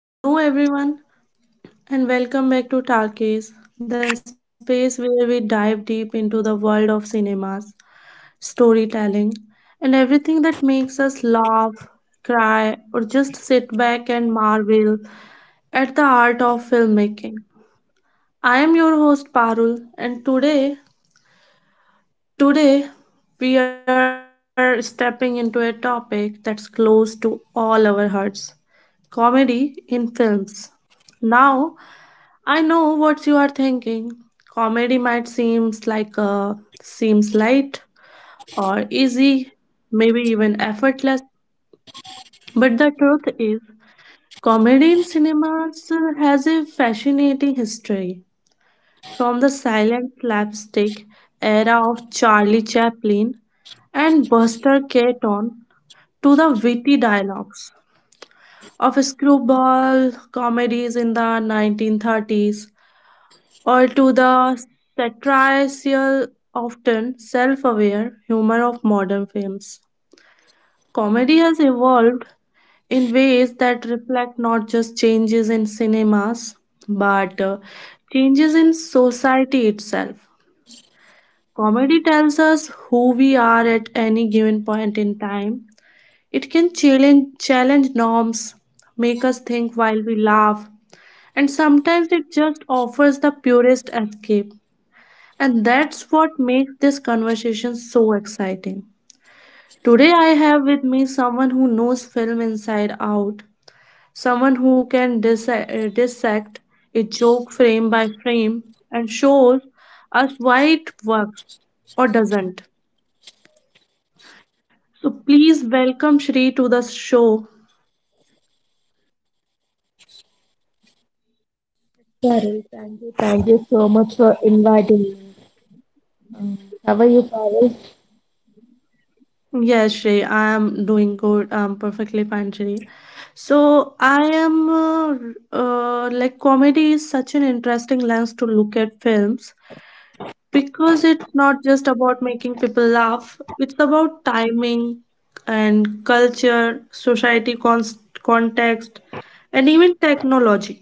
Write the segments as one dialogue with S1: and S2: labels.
S1: Hello, everyone, and welcome back to Talkies, the space where we dive deep into the world of cinemas, storytelling, and everything that makes us laugh, cry, or just sit back and marvel at the art of filmmaking. I am your host Parul, and today we are stepping into a topic that's close to all our hearts: comedy in films. Now, I know what you are thinking. Comedy might seems light or easy, maybe even effortless. But the truth is, comedy in cinemas has a fascinating history. From the silent slapstick era of Charlie Chaplin and Buster Keaton to the witty dialogues of screwball comedies in the 1930s, or to the satirical, often self aware humor of modern films. Comedy has evolved in ways that reflect not just changes in cinemas but changes in society itself. Comedy tells us who we are at any given point in time. It can challenge norms, make us think while we laugh, and sometimes it just offers the purest escape. And that's what makes this conversation so exciting. Today, I have with me someone who knows film inside out, someone who can dissect a joke frame by frame and shows us why it works or doesn't. So, please welcome Shri to the show.
S2: Carol, thank you so much for inviting me. Um, how are you, Carol?
S1: Yes, Shri, I am doing good. I'm perfectly fine, Shri. So I am like comedy is such an interesting lens to look at films because it's not just about making people laugh. It's about timing and culture, society cons context, and even technology.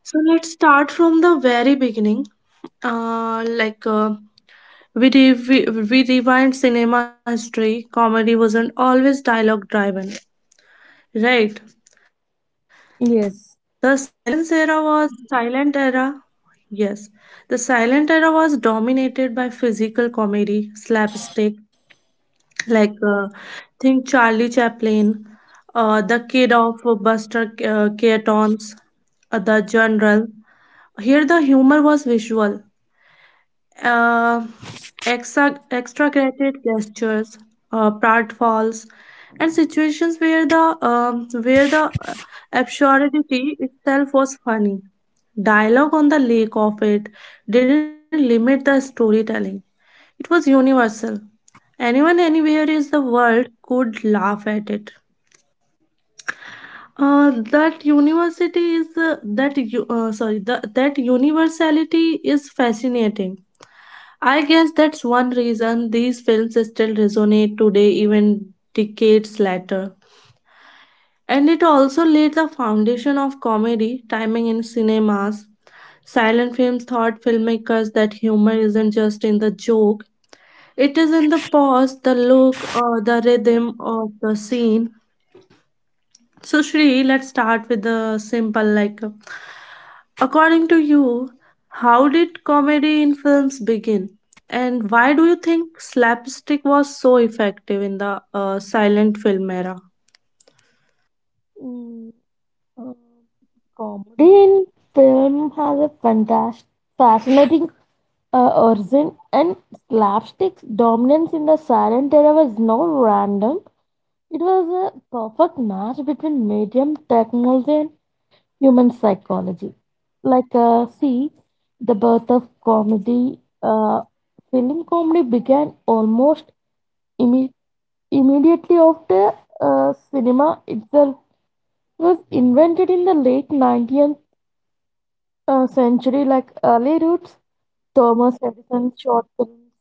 S1: So let's start from the very beginning. Uh, like uh, we rewind cinema history, comedy wasn't always dialogue driven. Right.
S2: Yes.
S1: The silence era was silent era. Yes. The silent era was dominated by physical comedy, slapstick, like uh, think Charlie Chaplin, the kid of Buster Keaton's, the general. Here the humor was visual, uh, extra exaggerated gestures, pratfalls, and situations where the absurdity itself was funny. Dialogue on the lake of it didn't limit the storytelling. It was universal. Anyone anywhere is the world could laugh at it. That university is that you sorry the, that universality is fascinating. I guess that's one reason these films still resonate today, even decades later. And it also laid the foundation of comedy, timing in cinemas. Silent films taught filmmakers that humor isn't just in the joke, it is in the pause, the look, or the rhythm of the scene. So, Shri, let's start with the simple like, according to you, how did comedy in films begin? And why do you think slapstick was so effective in the silent film era?
S2: Mm, uh, Comedy in film has a fantastic, fascinating origin, and slapstick's dominance in the silent era was no random. It was a perfect match between medium technology and human psychology. Like, uh, see, the birth of film comedy began almost immediately after cinema itself was invented in the late 19th century, like early roots, Thomas Edison's short films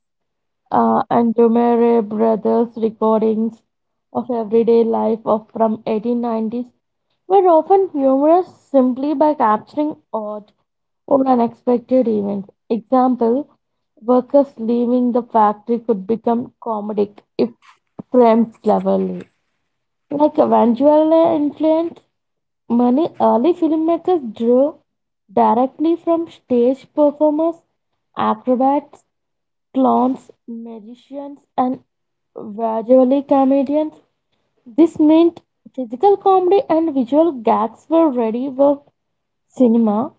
S2: and Lumiere Brothers' recordings of everyday life of from 1890s were often humorous simply by capturing odd or unexpected events. Example, workers leaving the factory could become comedic if framed cleverly. Like Vangelis influenced many early filmmakers drew directly from stage performers, acrobats, clowns, magicians, and visually comedians. This meant physical comedy and visual gags were ready for cinema.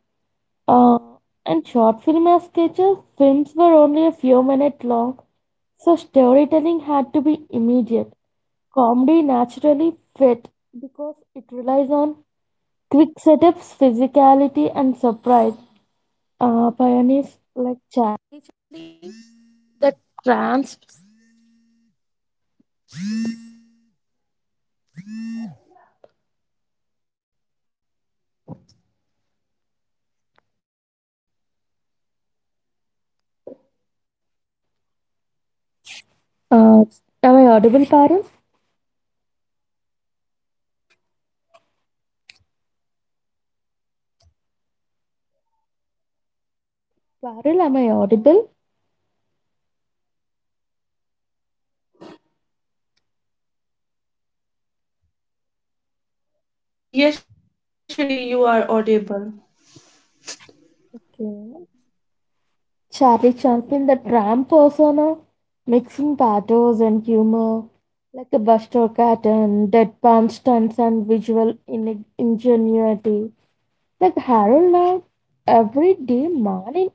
S2: Uh, and short film as sketches, films were only a few minutes long, so storytelling had to be immediate. Comedy naturally fit because it relies on quick setups, physicality, and surprise. Pioneers Parul, am I audible?
S1: Yes, Shri, you are audible.
S2: Yeah. Charlie Chaplin, the tram persona, mixing pathos and humor, like a Buster Keaton, deadpan stunts and visual ingenuity. Like Harold Lloyd, everyday man in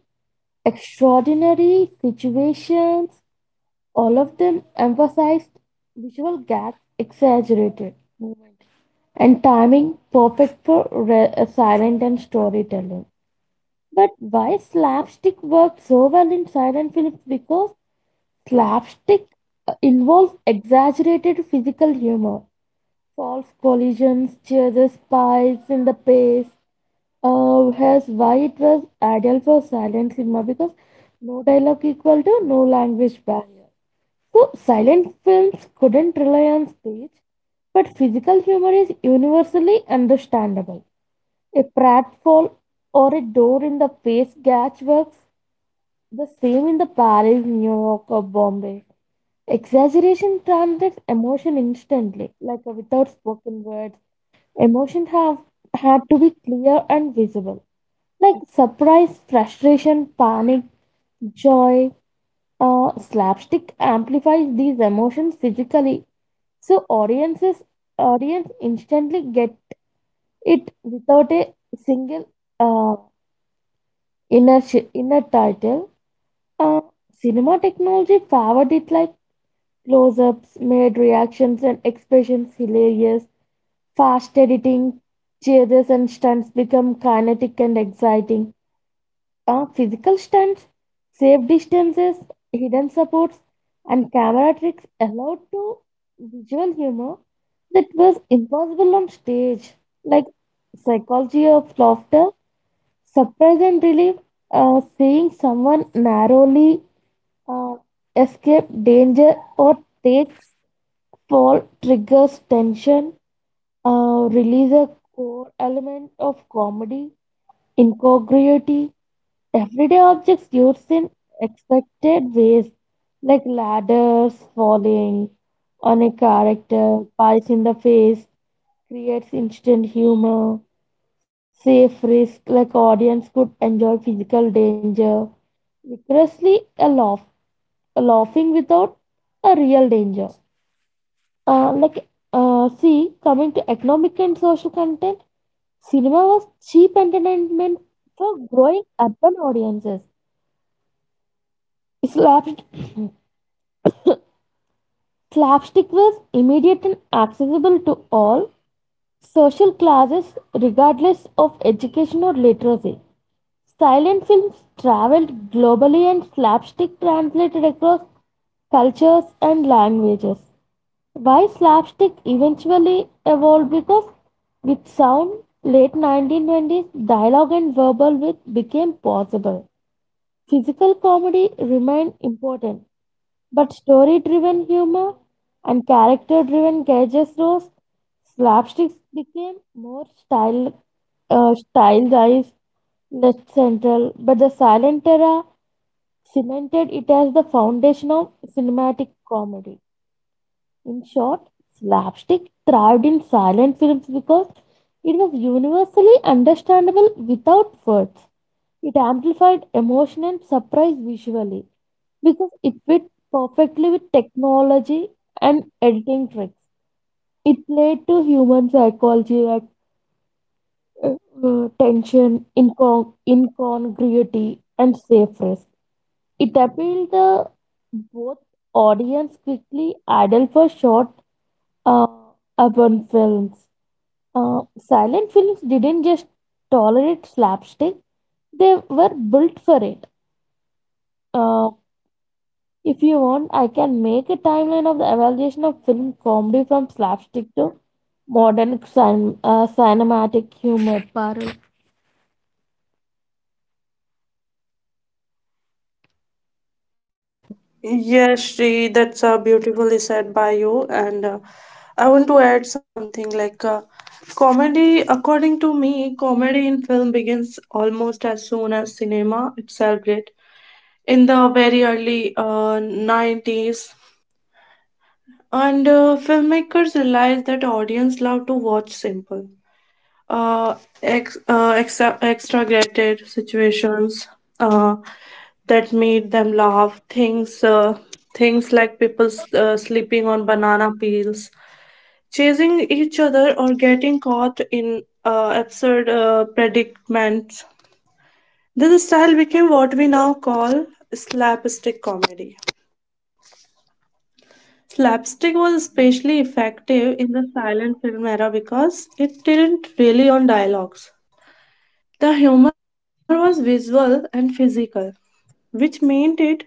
S2: extraordinary situations, all of them emphasized visual gags, exaggerated movement, and timing perfect for silent and storytelling. But why slapstick worked so well in silent films? Because slapstick involves exaggerated physical humor, false collisions, chases, spies in the pace. Here's why it was ideal for silent cinema because no dialogue equal to no language barrier. So silent films couldn't rely on speech, but physical humor is universally understandable. A pratfall or a door in the face gag works the same in the Paris, New York, or Bombay. Exaggeration translates emotion instantly, like a without spoken words. Emotion have had to be clear and visible, like surprise, frustration, panic, joy. Slapstick amplifies these emotions physically, so audience instantly get it without a single uh, inner inner title. Uh, Cinema technology favored it like close-ups, made reactions and expressions hilarious, fast editing, chases and stunts become kinetic and exciting. Physical stunts, safe distances, hidden supports, and camera tricks allowed to visual humor that was impossible on stage. Like psychology of laughter, surprise and relief, seeing someone narrowly uh, escape danger or take fall triggers tension, release a core element of comedy, incongruity. Everyday objects used in expected ways, like ladders falling on a character, pies in the face, creates instant humor. Safe risk, like audience could enjoy physical danger, vigorously aloft laughing without a real danger. Uh, like, Coming to economic and social content, cinema was cheap entertainment for growing urban audiences. Slapst- Slapstick was immediate and accessible to all social classes, regardless of education or literacy. Silent films traveled globally, and slapstick translated across cultures and languages. Why slapstick eventually evolved because with sound, late 1920s dialogue and verbal wit became possible. Physical comedy remained important, but story driven humor and character driven gags rose. Slapsticks became more stylized, less central, but the silent era cemented it as the foundation of cinematic comedy. In short, slapstick thrived in silent films because it was universally understandable without words. It amplified emotion and surprise visually because it fit perfectly with technology and editing tricks. It played to human psychology like uh, tension, incongruity, and safe risk. It appealed to both audience quickly idle for short uh, urban films. Silent films didn't just tolerate slapstick, they were built for it. Uh, if you want, I can make a timeline of the evaluation of film comedy from slapstick to modern cinematic humor. Parul.
S1: Yes, Shri, that's beautifully said by you. And I want to add something comedy, according to me, comedy in film begins almost as soon as cinema itself did. In the very early 90s, and filmmakers realized that audience love to watch simple, uh, exaggerated situations uh, that made them laugh. Things like people sleeping on banana peels, chasing each other, or getting caught in absurd predicaments. This style became what we now call slapstick comedy. Slapstick was especially effective in the silent film era because it didn't rely on dialogues. The humor was visual and physical, which meant it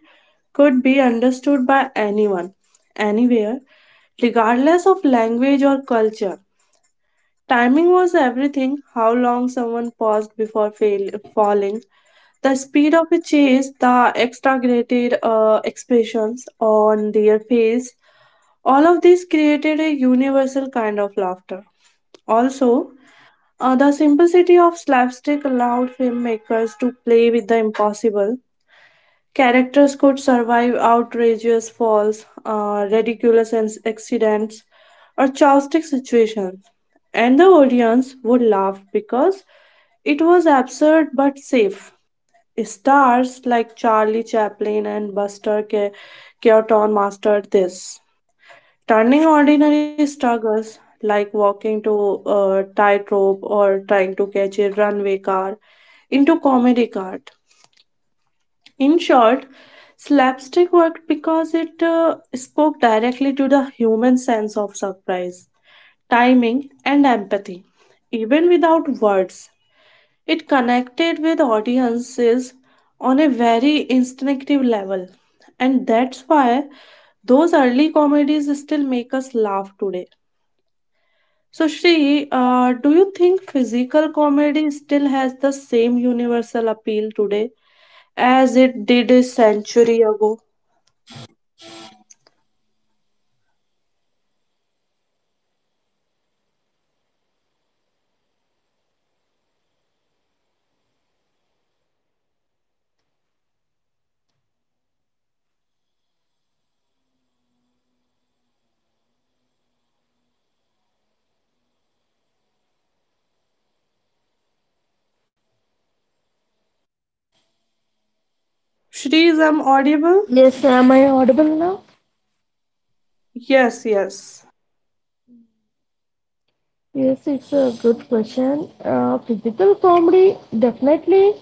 S1: could be understood by anyone, anywhere, regardless of language or culture. Timing was everything, how long someone paused before falling, the speed of a chase, the exaggerated expressions on their face, all of this created a universal kind of laughter. Also, the simplicity of slapstick allowed filmmakers to play with the impossible. Characters could survive outrageous falls, ridiculous accidents, or chaotic situations, and the audience would laugh because it was absurd but safe. Stars like Charlie Chaplin and Keaton mastered this, turning ordinary struggles like walking to a tightrope or trying to catch a runway car into comedic art. In short, slapstick worked because it spoke directly to the human sense of surprise, timing, and empathy, even without words. It connected with audiences on a very instinctive level, and that's why those early comedies still make us laugh today. So, Shri, do you think physical comedy still has the same universal appeal today as it did a century ago? Shri, is I'm audible?
S2: Yes, am I audible now?
S1: Yes, yes.
S2: Yes, it's a good question. Physical comedy definitely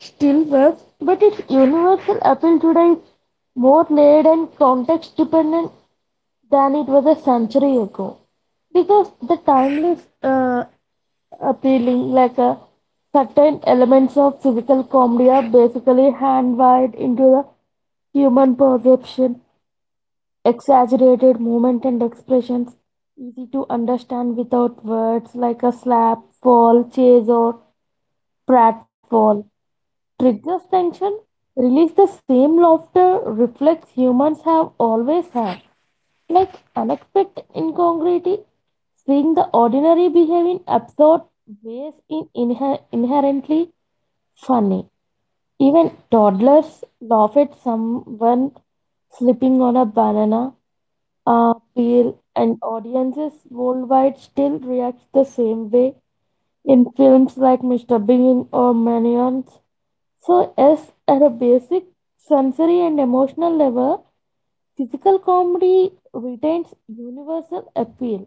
S2: still works, but its universal appeal today is more layered and context dependent than it was a century ago. Because the timeless appealing, certain elements of physical comedy are basically hand wired into the human perception. Exaggerated movement and expressions, easy to understand without words like a slap, fall, chase, or pratfall. Triggers tension, release the same laughter reflex humans have always had, like unexpected incongruity, seeing the ordinary behave in absurd ways is inherently funny. Even toddlers laugh at someone slipping on a banana appeal and audiences worldwide still react the same way in films like Mr. Bean or Minions. So, yes, at a basic sensory and emotional level, physical comedy retains universal appeal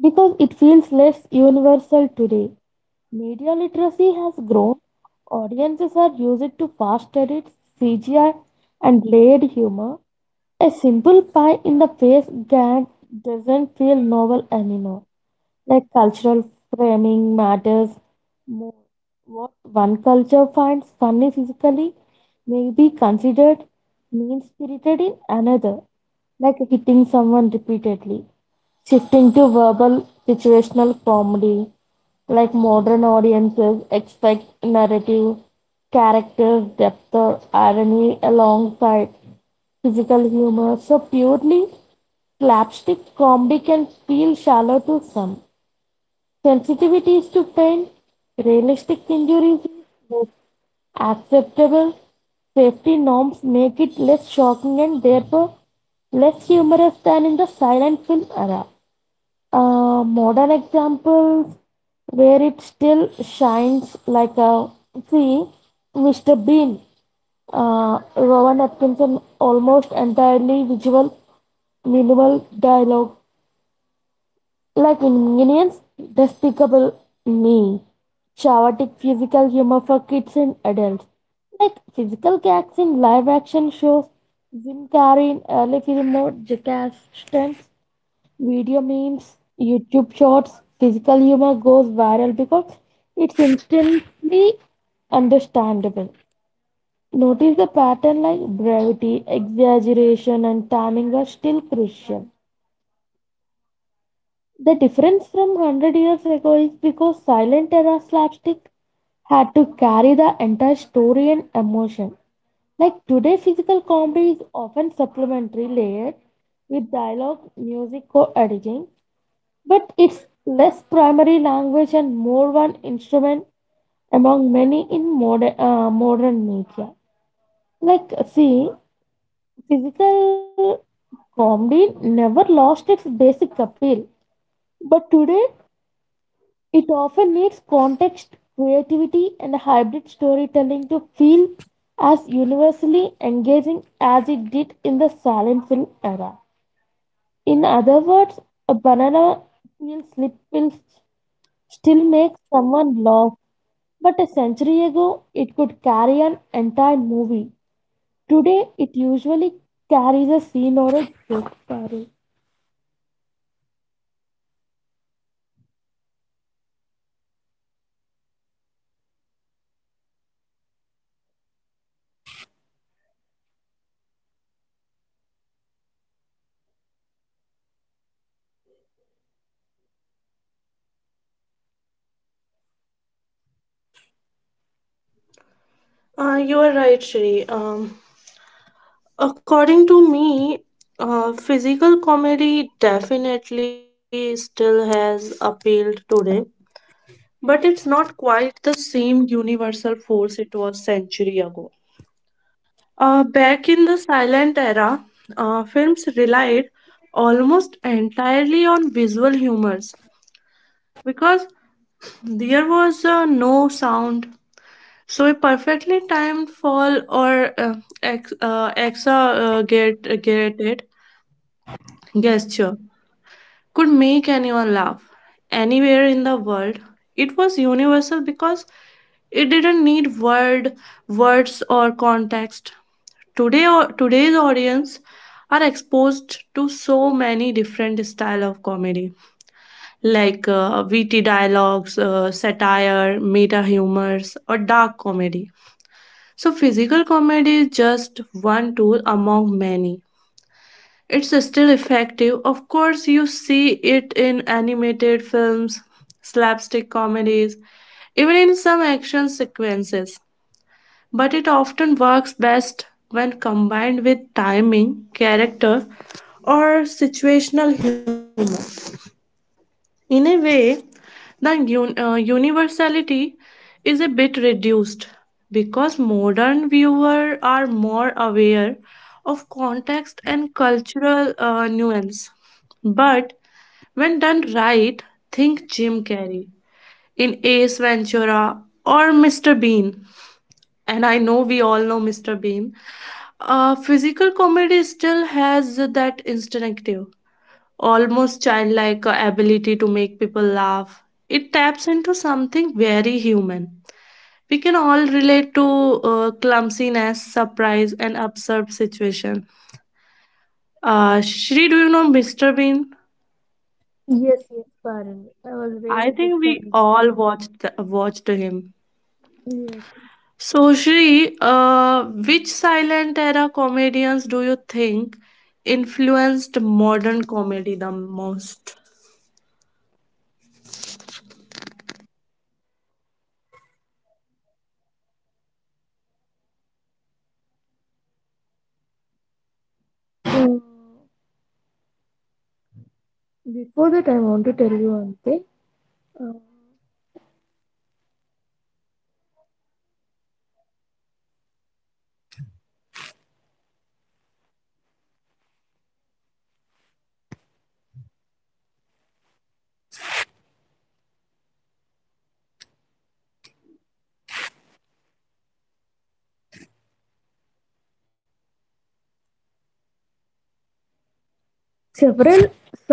S2: because it feels less universal today. Media literacy has grown. Audiences are used to fast edits, CGI, and layered humor. A simple pie in the face gag doesn't feel novel anymore. Like cultural framing matters more. What one culture finds funny physically may be considered mean spirited in another, like hitting someone repeatedly shifting to verbal situational comedy, like modern audiences expect narrative, character depth, or irony alongside physical humor. So purely slapstick comedy can feel shallow to some. Sensitivity is to pain, realistic injuries is less acceptable, safety norms make it less shocking and therefore less humorous than in the silent film era. Modern examples where it still shines like a see, Mr. Bean. Rowan Atkinson almost entirely visual, minimal dialogue. Like in Minions, Despicable Me. Chaotic physical humor for kids and adults. Like physical gags in live action shows, Jim Carrey in early film mode, Jackass stunts, video memes, YouTube shorts, physical humor goes viral because it's instantly understandable. Notice the pattern like brevity, exaggeration, and timing are still crucial. The difference from 100 years ago is because silent era slapstick had to carry the entire story and emotion. Like today, physical comedy is often supplementary layered with dialogue, music, or editing, but it's less primary language and more one instrument among many in modern modern media like see physical comedy never lost its basic appeal, but today it often needs context creativity and hybrid storytelling to feel as universally engaging as it did in the silent film era. In other words, a banana peel slip will still make someone laugh. But a century ago, it could carry an entire movie. Today, it usually carries a scene or a joke. Parul.
S1: You are right, Shri. According to me, physical comedy definitely still has appealed today, but it's not quite the same universal force it was century ago. Back in the silent era, films relied almost entirely on visual humors because there was no sound. So a perfectly timed fall or exaggerated gesture could make anyone laugh anywhere in the world. It was universal because it didn't need words or context. Today, or today's audience are exposed to so many different style of comedy, like witty dialogues, satire, meta humors, or dark comedy. So, physical comedy is just one tool among many. It's still effective. Of course, you see it in animated films, slapstick comedies, even in some action sequences. But it often works best when combined with timing, character, or situational humor. In a way, the universality is a bit reduced because modern viewers are more aware of context and cultural nuance. But when done right, think Jim Carrey in Ace Ventura or Mr. Bean. And I know we all know Mr. Bean. Physical comedy still has that instinctive, almost childlike ability to make people laugh. It taps into something very human. We can all relate to clumsiness, surprise, and absurd situation. Shri, do you know Mr. Bean?
S2: Yes, yes, Parul. I was
S1: I
S2: really
S1: think
S2: big
S1: we
S2: fan of it.
S1: all watched him.
S2: Yes.
S1: So, Shri, which silent era comedians do you think influenced modern comedy the most?
S2: Uh, Before that, I want to tell you one thing. Uh, Several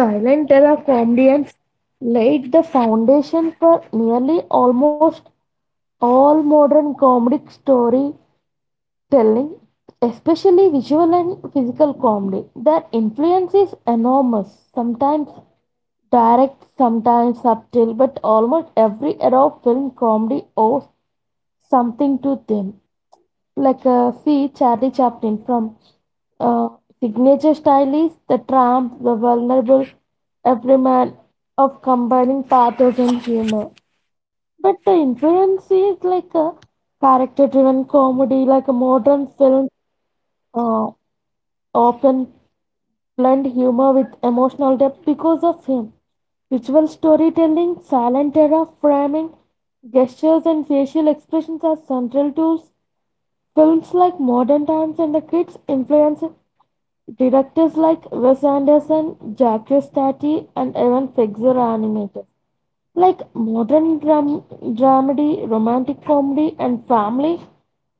S2: silent era comedians laid the foundation for nearly almost all modern comedic story telling, especially visual and physical comedy. Their influence is enormous, sometimes direct, sometimes subtle, but almost every era of film comedy owes something to them. Like, see Charlie Chaplin from uh, signature style is the tramp, the vulnerable everyman of combining pathos and humor. But the influence is like a character driven comedy, like a modern film uh, often blend humor with emotional depth because of him. Visual storytelling, silent era framing, gestures, and facial expressions are central to films like Modern Times and the Kids' influence. Directors like Wes Anderson, Jacques Tati, and Evan Fexer are animators. Like modern dramedy, romantic comedy, and family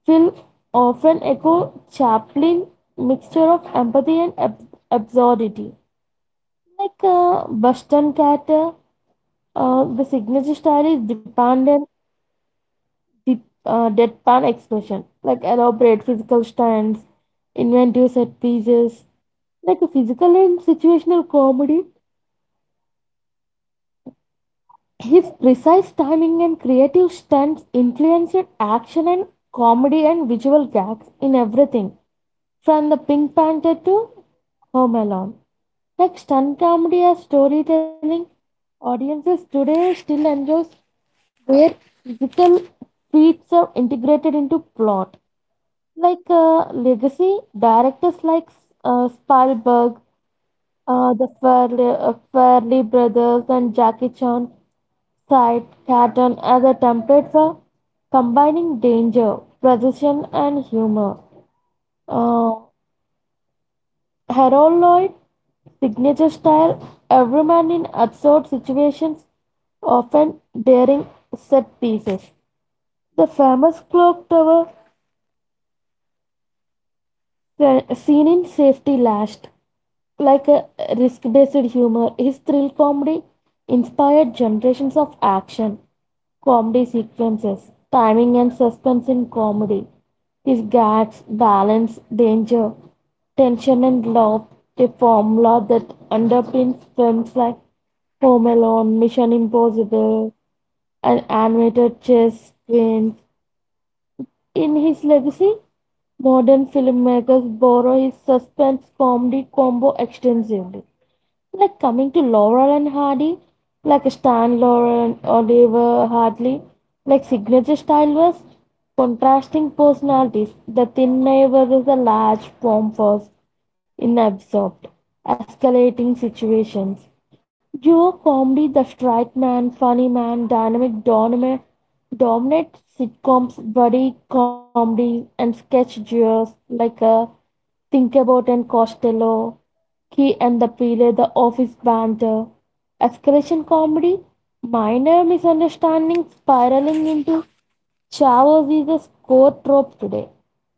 S2: film often echo Chaplin mixture of empathy and absurdity. Bushton Carter, the signature style is dependent deep, deadpan expression, like elaborate physical stunts, inventive set pieces, like a physical and situational comedy. His precise timing and creative stunts influenced action and comedy and visual gags in everything, from the Pink Panther to Home Alone. Like stunt comedy as storytelling, audiences today still enjoy where physical feats are integrated into plot. Legacy directors Spielberg, the Fairley brothers, and Jackie Chan cite Cartoon as a template for combining danger, precision, and humor. Uh, Harold Lloyd signature style, every man in absurd situations, often daring set pieces. The famous clock tower scene in Safety Last like a risk-based humor, his thrill comedy inspired generations of action, comedy sequences, timing and suspense in comedy. His gags, balance, danger, tension and love, a formula that underpins films like Home Alone, Mission Impossible, and animated chess twins. In his legacy, modern filmmakers borrow his suspense comedy combo extensively. Like coming to Laurel and Hardy, like Stan Laurel and Oliver Hardy, like signature style was contrasting personalities. The thin neighbor is a large form force in absorbed, escalating situations. Duo comedy, the straight man, funny man, dynamic doorman, dominant sitcoms, buddy comedies, and sketch duos like Think About and Costello, Key and the Peele, The Office Banter, escalation comedy, minor misunderstandings spiraling into chaos is a core trope today.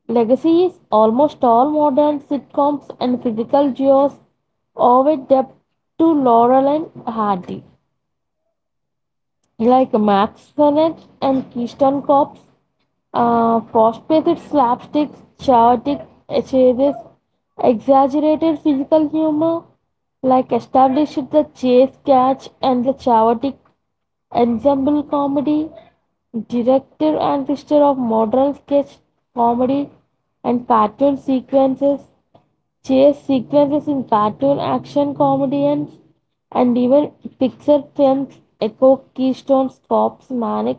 S2: Legacy is almost all modern sitcoms and physical duos owe a debt to Laurel and Hardy like Max Sonnet and Keystone Cops, postulated slapstick, chaotic chases, exaggerated physical humor, like established the chase catch and the chaotic ensemble comedy, director and sister of modern sketch comedy and cartoon sequences, chase sequences in cartoon action comedians and even Pixar films echo Keystone Cops' manic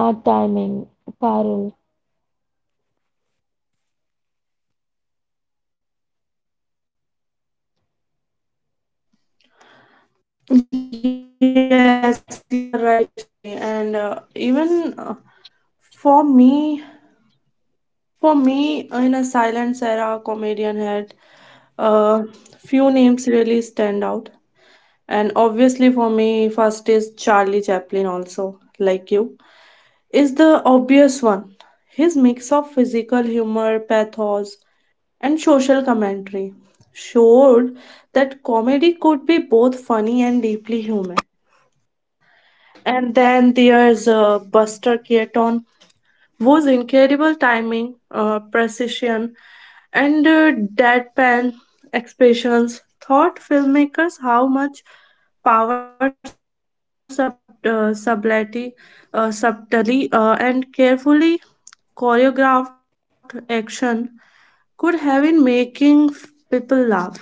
S2: timing. Parul.
S1: Yes, you are right, Shri. And even for me, for me, in a silent era comedian had uh, few names really stand out. And obviously, for me, first is Charlie Chaplin, also like you, is the obvious one. His mix of physical humor, pathos, and social commentary showed that comedy could be both funny and deeply human. And then there's Buster Keaton, whose incredible timing, precision, and deadpan expressions taught filmmakers how much power subtlety, subtly and carefully choreographed action could have in making people laugh.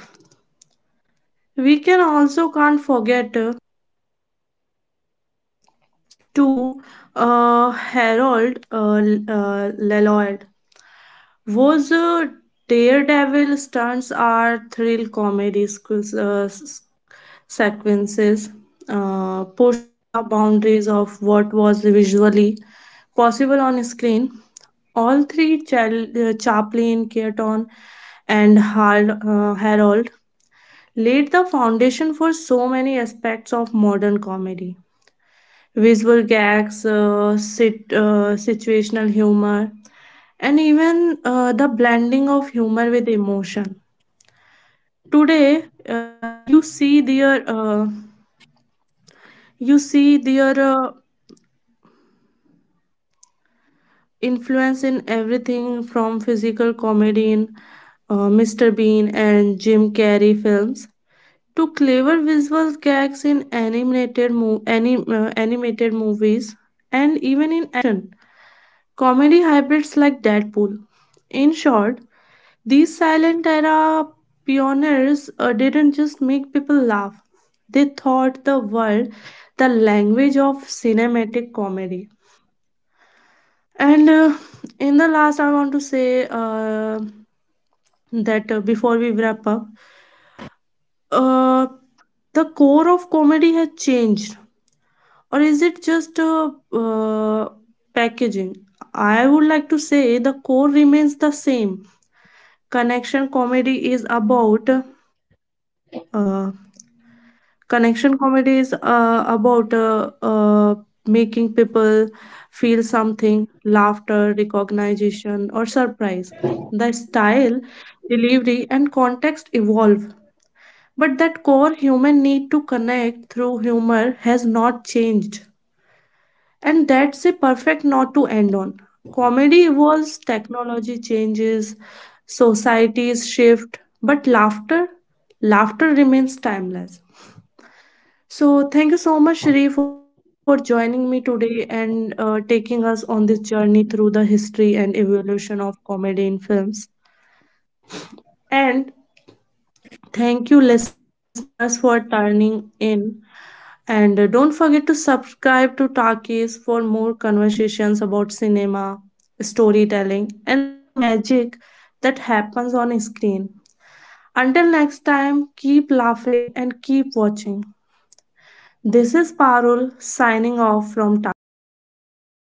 S1: We can also can't forget to Lloyd, was a daredevil stunts are thrill comedy sequences pushed the boundaries of what was visually possible on screen. All three Chaplin, Keaton, and Harold laid the foundation for so many aspects of modern comedy. Visual gags, situational humor, and even the blending of humor with emotion. Today, you see their influence in everything from physical comedy in Mr. Bean and Jim Carrey films to clever visual gags in animated animated movies and even in action comedy hybrids like Deadpool. In short, these silent era pioneers didn't just make people laugh, they taught the world the language of cinematic comedy. And in the last, I want to say that before we wrap up, uh, the core of comedy has changed or is it just packaging. I would like to say the core remains the same. connection comedy is about uh, connection comedy is about making people feel something, laughter, recognition, or surprise. The style, delivery and context evolve, but that core human need to connect through humor has not changed. And that's a perfect note to end on. Comedy evolves, technology changes, societies shift, but laughter remains timeless. So thank you so much, Shri, for joining me today and taking us on this journey through the history and evolution of comedy in films. And thank you, listeners, for turning in. And don't forget to subscribe to Takis for more conversations about cinema, storytelling, and the magic that happens on screen. Until next time, keep laughing and keep watching. This is Parul signing off from Takis.